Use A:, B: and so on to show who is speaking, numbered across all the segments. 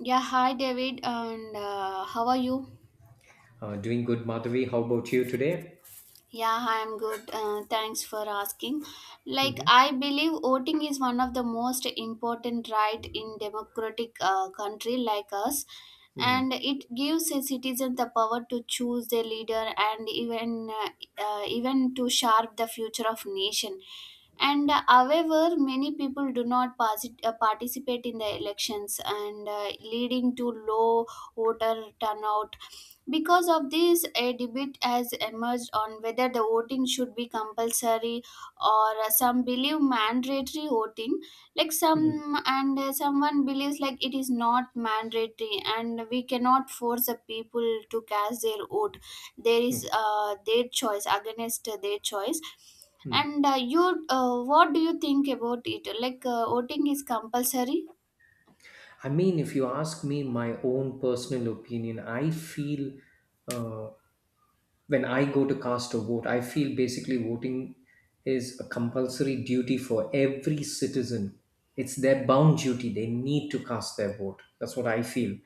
A: Yeah, hi David, and how are you?
B: Doing good, Madhavi. How about you today?
A: Yeah, I am good. Thanks for asking. Like,
B: Mhm,
A: I believe voting is one of the most important right in democratic country like us,
B: mhm,
A: and it gives a citizen the power to choose their leader and even even to shape the future of nation. And however, many people do not participate in the elections, and leading to low voter turnout. Because of this, a debate has emerged on whether the voting should be compulsory or some believe mandatory voting. Like
B: mhm,
A: some and someone believes like it is not mandatory and we cannot force the people to cast their vote. There is
B: okay,
A: their choice against their choice.
B: mm.
A: And you, what do you think about it? Like voting is compulsory.
B: I mean, if you ask me my own personal opinion, I feel uh, when I go to cast a vote, I feel basically voting is a compulsory duty for every citizen. It's their bound duty. They need to cast their vote. That's what I feel.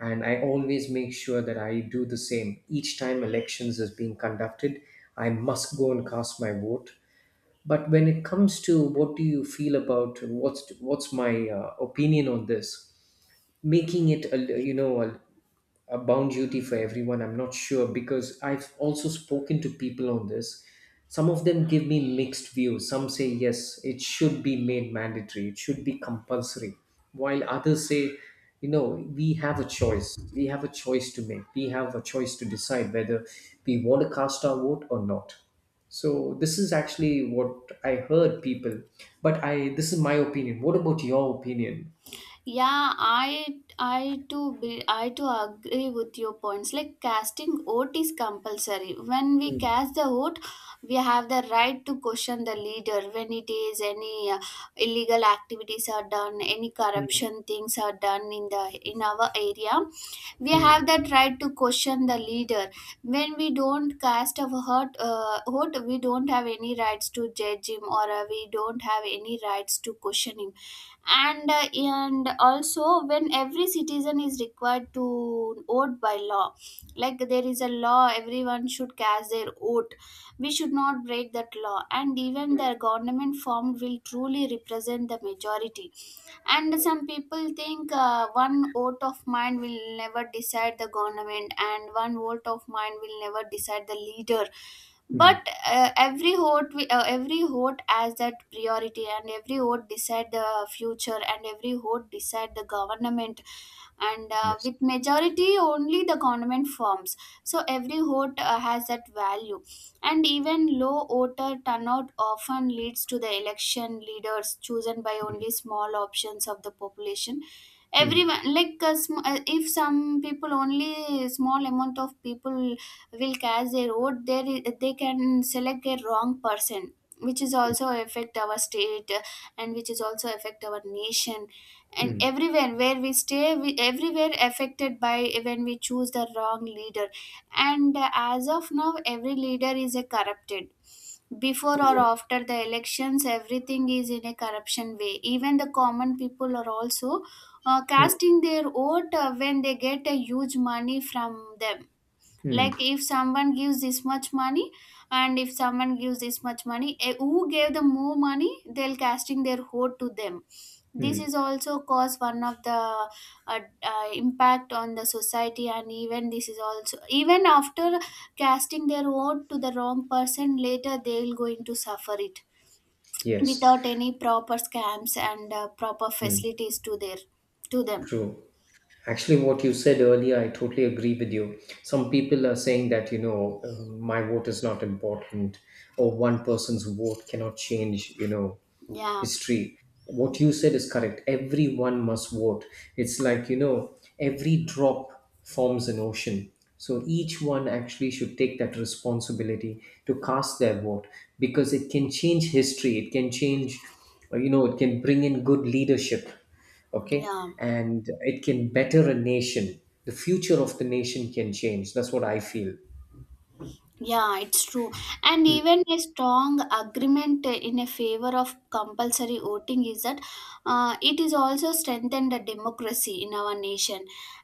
B: And I always make sure that I do the same. Each time elections is being conducted, I must go and cast my vote, but when it comes to what do you feel about what's my opinion on this, making it a, a bound duty for everyone, I'm not sure, because I've also spoken to people on this. Some of them give me mixed views. Some say yes, it should be made mandatory, it should be compulsory, while others say, we have a choice, we have a choice to make, we have a choice to decide whether we want to cast our vote or not. So this is actually what I heard people, but I, this is my opinion. What about your opinion?
A: Yeah, I too agree with your points. Like casting vote is compulsory. When we
B: Mm,
A: cast the vote, we have the right to question the leader when it is any illegal activities are done, any
B: mm,
A: corruption things are done in the in our area. We
B: mm.
A: have that right to question the leader. When we don't cast a vote, we don't have any rights to judge him or we don't have any rights to question him, and also when every citizen is required to vote by law, like there is a law everyone should cast their vote, we should not break that law, and even their government formed will truly represent the majority. And some people think, one vote of mine will never decide the government and one vote of mine will never decide the leader,
B: Mm.
A: but every vote has that priority and every vote decide the future and every vote decide the government, and
B: Yes.
A: with majority only the government firms, so every vote has that value. And even low voter turnout often leads to the election leaders chosen by
B: Mm,
A: only small options of the population.
B: mm,
A: Everyone, like, if some people, only small amount of people will cast their vote there, they can select a wrong person, which is
B: mm,
A: also affect our state, and which is also affect our nation, and
B: mm.
A: everywhere where we stay we everywhere affected by when we choose the wrong leader. And as of now every leader is a corrupted. Before or
B: Yes.
A: after the elections everything is in a corruption way. Even the common people are also
B: Mm,
A: casting their vote when they get a huge money from them.
B: mm,
A: Like if someone gives this much money, and if someone gives this much money, who gave them more money, they'll casting their vote to them. This is
B: mm.
A: also cause one of the impact on the society. And even this is also, even after casting their vote to the wrong person, later they will going to suffer it
B: Yes.
A: without any proper scams and proper
B: Mm.
A: facilities to their, to them.
B: True. Actually, what you said earlier, I totally agree with you. Some people are saying that, my vote is not important, or one person's vote cannot change,
A: Yeah,
B: history. What you said is correct. Everyone must vote. It's like, you know, every drop forms an ocean. So each one actually should take that responsibility to cast their vote, because it can change history, it can change, you know, it can bring in good leadership, okay,
A: yeah.
B: and it can better a nation. The future of the nation can change. That's what I feel.
A: Yeah, it's true. And
B: Mm,
A: even a strong agreement in a favor of compulsory voting is that it is also strengthened the democracy in our nation.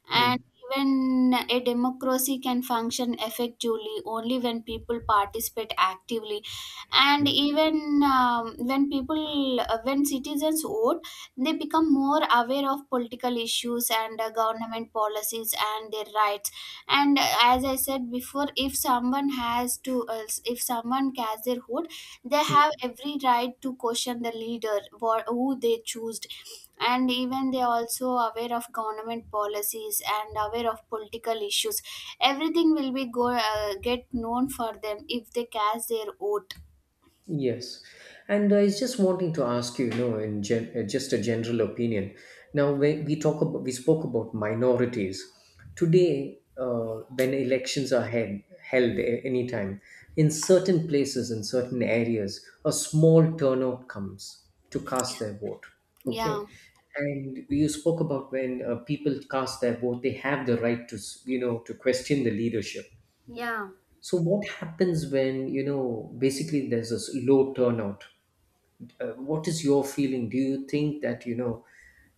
A: And
B: mm,
A: even a democracy can function effectively only when people participate actively. And
B: mm.
A: even when people, when citizens vote, they become more aware of political issues and government policies and their rights. And as I said before, if someone has to, if someone casts their vote, they have every right to question the leader who they choose. And even they also aware of government policies and aware of political issues. Everything will be go get known for them if they cast their vote.
B: Yes, and I was just wanting to ask you, you know, in just a general opinion. Now, when we talk about, we spoke about minorities today. When elections are held, anytime in certain places, in certain areas, a small turnout comes to
A: Yeah.
B: cast their vote. Okay,
A: Yeah.
B: and you spoke about when people cast their vote, they have the right to, you know, to question the leadership.
A: Yeah.
B: So what happens when, you know, basically there's this low turnout? What is your feeling? Do you think that, you know,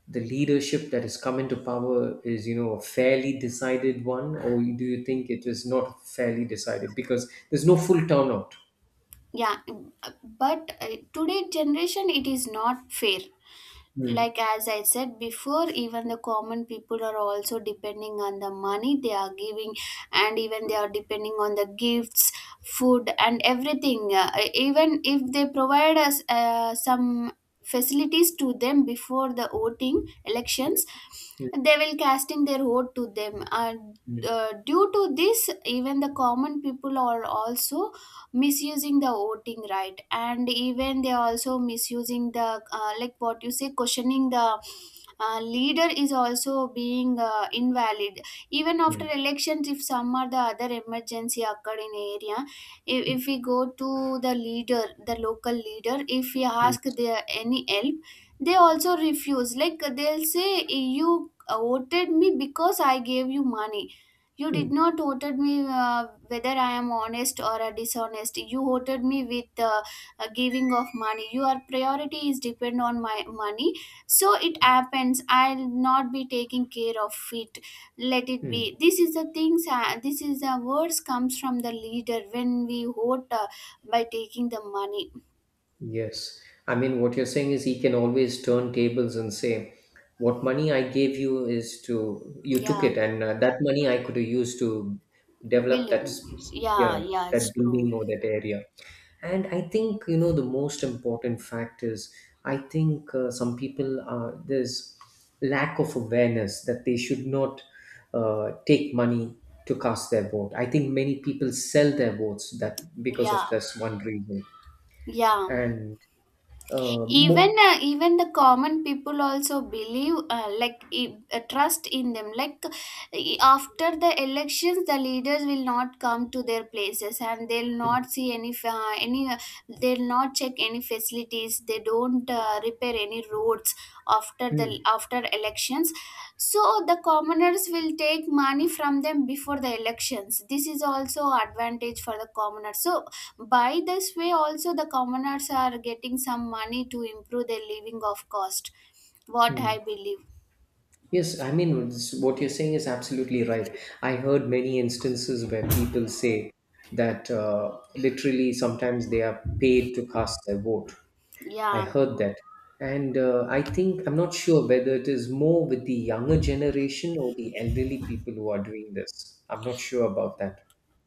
B: the leadership that has come into power is, you know, a fairly decided one, or do you think it is not fairly decided because there's no full turnout?
A: Yeah, but today generation it is not fair.
B: Mm,
A: Like as I said before, even the common people are also depending on the money they are giving, and even they are depending on the gifts, food and everything. Even if they provide us some facilities to them before the voting elections,
B: mm,
A: they will casting their vote to them. And
B: mm,
A: due to this, even the common people are also misusing the voting right. And even they are also misusing the, like what you say, questioning the leader is also being invalid. Even after
B: mm,
A: elections, if some or the other emergency occurred in area,
B: mm,
A: if we go to the leader, the local leader, if we
B: mm.
A: ask their any help, they also refuse. Like they'll say, you voted me because I gave you money. You did not voted me whether I am honest or dishonest. You voted me with giving of money. Your priority is depend on my money. So it happens. I'll not be taking care of it. Let it
B: mm.
A: be. This is the things. This is the words comes from the leader when we vote by taking the money.
B: Yes. I mean, what you're saying is he can always turn tables and say, what money I gave you is to, you took
A: Yeah,
B: it, and that money I could have used to develop that,
A: billing. Yeah,
B: yeah,
A: yeah, it's
B: that
A: true.
B: building or that area. And I think, you know, the most important fact is, I think some people are, there's lack of awareness that they should not take money to cast their vote. I think many people sell their votes that because of
A: Yeah,
B: this one reason.
A: yeah.
B: And uh,
A: Even
B: mo-
A: even the common people also believe, like, trust in them. Like after the elections, the leaders will not come to their places, and they'll not see any they'll not check any facilities, they don't repair any road after the
B: Hmm.
A: after elections. So the commoners will take money from them before the elections. This is also advantage for the commoners. So by this way also the commoners are getting some money to improve their living of cost, what
B: Hmm.
A: I believe.
B: Yes, I mean, it's, what you're saying is absolutely right. I heard many instances where people say that literally sometimes they are paid to cast their vote. I
A: Yeah.
B: heard that. And I think, I'm not sure whether it is more with the younger generation or the elderly people who are doing this. I'm not sure about that.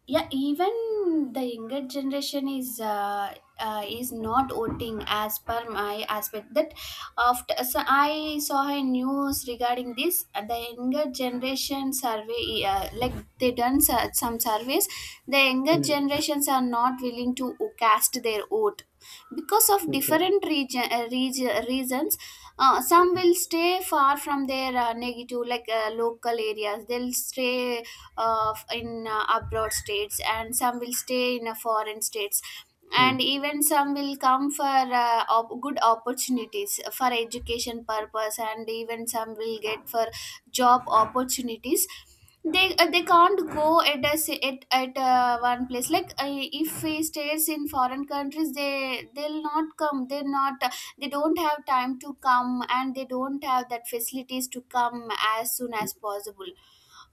A: Yeah, even the younger generation is not voting as per my aspect. That after, so I saw a news regarding this, the younger generation survey, like they done some surveys, the younger
B: Mm.
A: generations are not willing to cast their vote because of
B: Okay.
A: different region, reasons. Some will stay far from their negative, like local areas. They'll stay in abroad states, and some will stay in foreign states. And
B: Mm.
A: even some will come for good opportunities for education purpose, and even some will get for job opportunities. They they can't go at one place. Like if we stays in foreign countries, they'll not come. They're not, they don't have time to come, and they don't have that facilities to come as soon as possible.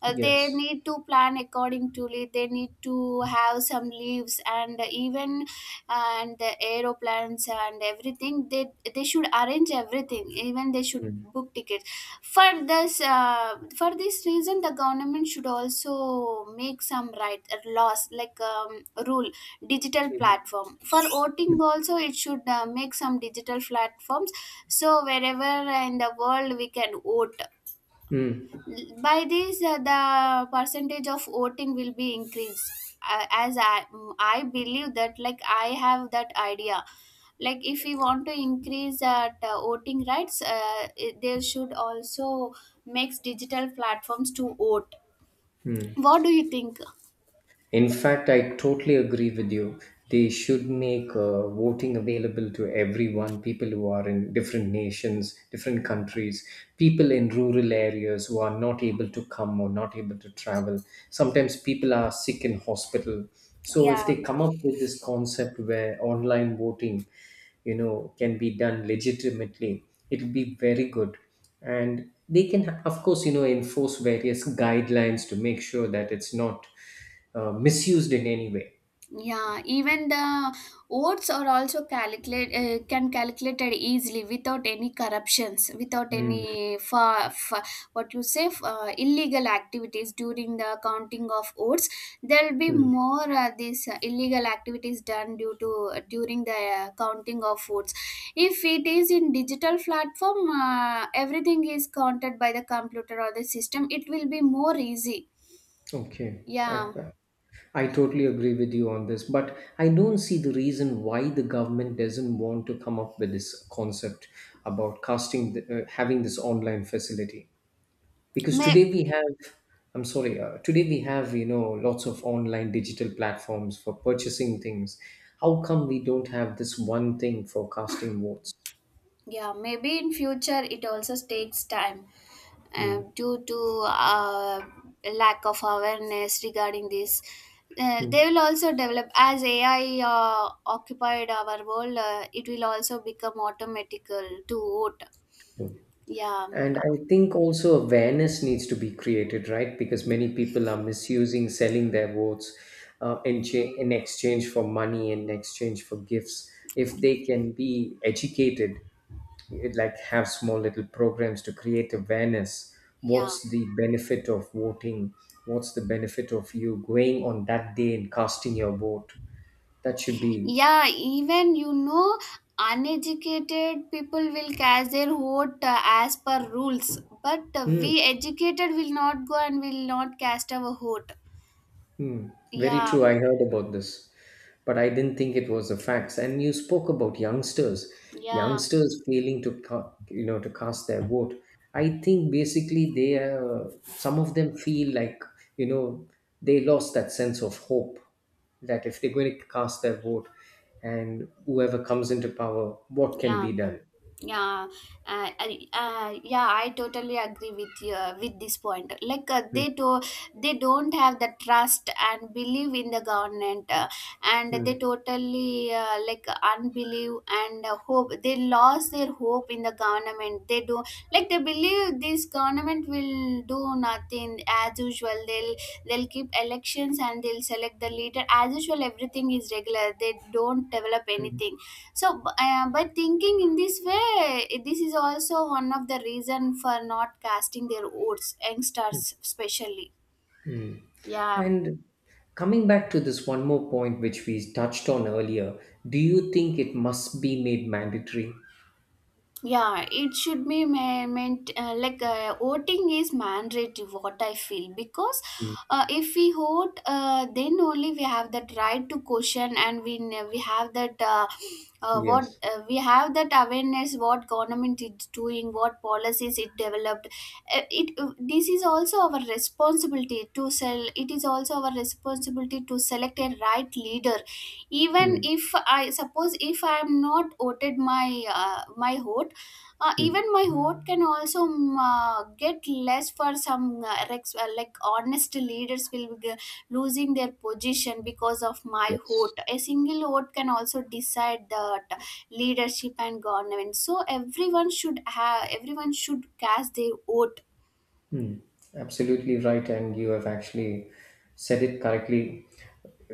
A: They
B: Yes.
A: need to plan according to it. They need to have some leaves, and even and the aeroplanes and everything, they should arrange everything. Even they should
B: Mm.
A: book tickets. For this for this reason, the government should also make some right laws, like rule. Digital
B: Mm.
A: platform for voting also, it should make some digital platforms, so wherever in the world we can vote.
B: Mm.
A: By this the percentage of voting will be increased, as I believe that. Like I have that idea, like if we want to increase that voting rights, they should also make digital platforms to vote.
B: Mm.
A: What do you think?
B: In fact, I totally agree with you. They should make voting available to everyone, people who are in different nations, different countries, people in rural areas who are not able to come or not able to travel. Sometimes people are sick in hospital. So
A: Yeah.
B: if they come up with this concept where online voting, you know, can be done legitimately, it'll be very good, and they can of course, you know, enforce various guidelines to make sure that it's not misused in any way.
A: Yeah, even the votes are also calculate can calculated easily without any corruptions, without
B: Mm,
A: any fa- fa- what you say f- illegal activities during the counting of votes. There will be
B: mm.
A: more these illegal activities done due to, during the counting of votes. If it is in digital platform, everything is counted by the computer or the system. It will be more easy.
B: Okay.
A: Yeah,
B: I totally agree with you on this, but I don't see the reason why the government doesn't want to come up with this concept about casting the, having this online facility, because today
A: may
B: we have, I'm sorry, today we have, you know, lots of online digital platforms for purchasing things. How come we don't have this one thing for casting votes?
A: yeah, maybe in future, it also takes time uh,
B: Hmm.
A: due to uh, lack of awareness regarding this.
B: Hmm.
A: They will also develop as AI occupied our world. It will also become automatical to vote.
B: Hmm.
A: Yeah.
B: And I think also awareness needs to be created, right? Because many people are misusing selling their votes in, in exchange for money, in exchange for gifts. If they can be educated, it like have small little programs to create awareness,
A: Yeah.
B: what's the benefit of voting, what's the benefit of you going on that day and casting your vote, that should be,
A: Yeah, even you know, uneducated people will cast their vote as per rules, but we
B: hmm.
A: educated will not go and will not cast our vote.
B: Hmm, very
A: Yeah.
B: true. I heard about this, but I didn't think it was a fact. And you spoke about youngsters,
A: Yeah,
B: youngsters failing to, you know, to cast their vote. I think basically they, some of them feel like, you know, they lost that sense of hope that if they're going to cast their vote, and whoever comes into power, what can
A: yeah,
B: be done?
A: yeah. Yeah, I totally agree with you with this point. Like
B: Hmm,
A: they don't have the trust and believe in the government, and
B: hmm,
A: they totally like unbelieve and hope. They lost their hope in the government. They do, like they believe this government will do nothing as usual. They'll keep elections, and they'll select the leader as usual. Everything is regular. They don't develop
B: hmm.
A: anything. So, but thinking in this way, this is also one of the reason for not casting their votes, youngsters especially. Yeah.
B: And coming back to this one more point which we touched on earlier, do you think it must be made mandatory?
A: Yeah, it should be ma- meant like voting is mandatory, what I feel. Because
B: Mm.
A: if we vote, then only we have that right to question. And we have that what
B: Yes.
A: we have that awareness what government is doing, what policies it developed. It this is also our responsibility to sell. It is also our responsibility to select a right leader. Even
B: Mm.
A: if I suppose, if I am not voted my my vote,
B: Mm.
A: even my vote can also get less for some like honest leaders will be losing their position because of my
B: Yes.
A: vote. A single vote can also decide that leadership and government. So everyone should have, everyone should cast their vote.
B: Hmm, absolutely right, and you have actually said it correctly.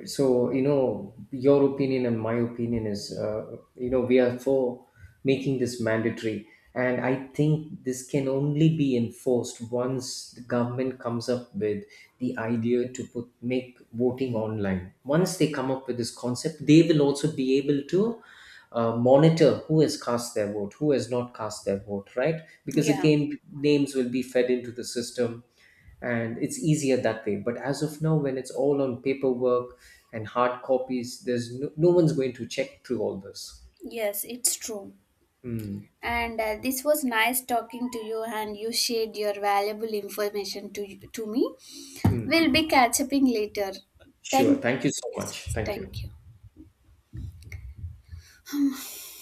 B: So, you know, your opinion and my opinion is, you know, we are for making this mandatory. And I think this can only be enforced once the government comes up with the idea to put make voting online. Once they come up with this concept, they will also be able to monitor who has cast their vote, who has not cast their vote, right? Because
A: Yeah,
B: again, names will be fed into the system and it's easier that way. But as of now, when it's all on paperwork and hard copies, there's no, no one's going to check through all this.
A: yes, it's true.
B: Mm,
A: And this was nice talking to you, and you shared your valuable information to me.
B: mm.
A: We'll be catch up later.
B: Sure.
A: Thank,
B: Thank you so
A: yes,
B: much.
A: yes,
B: Thank you.
A: thank you.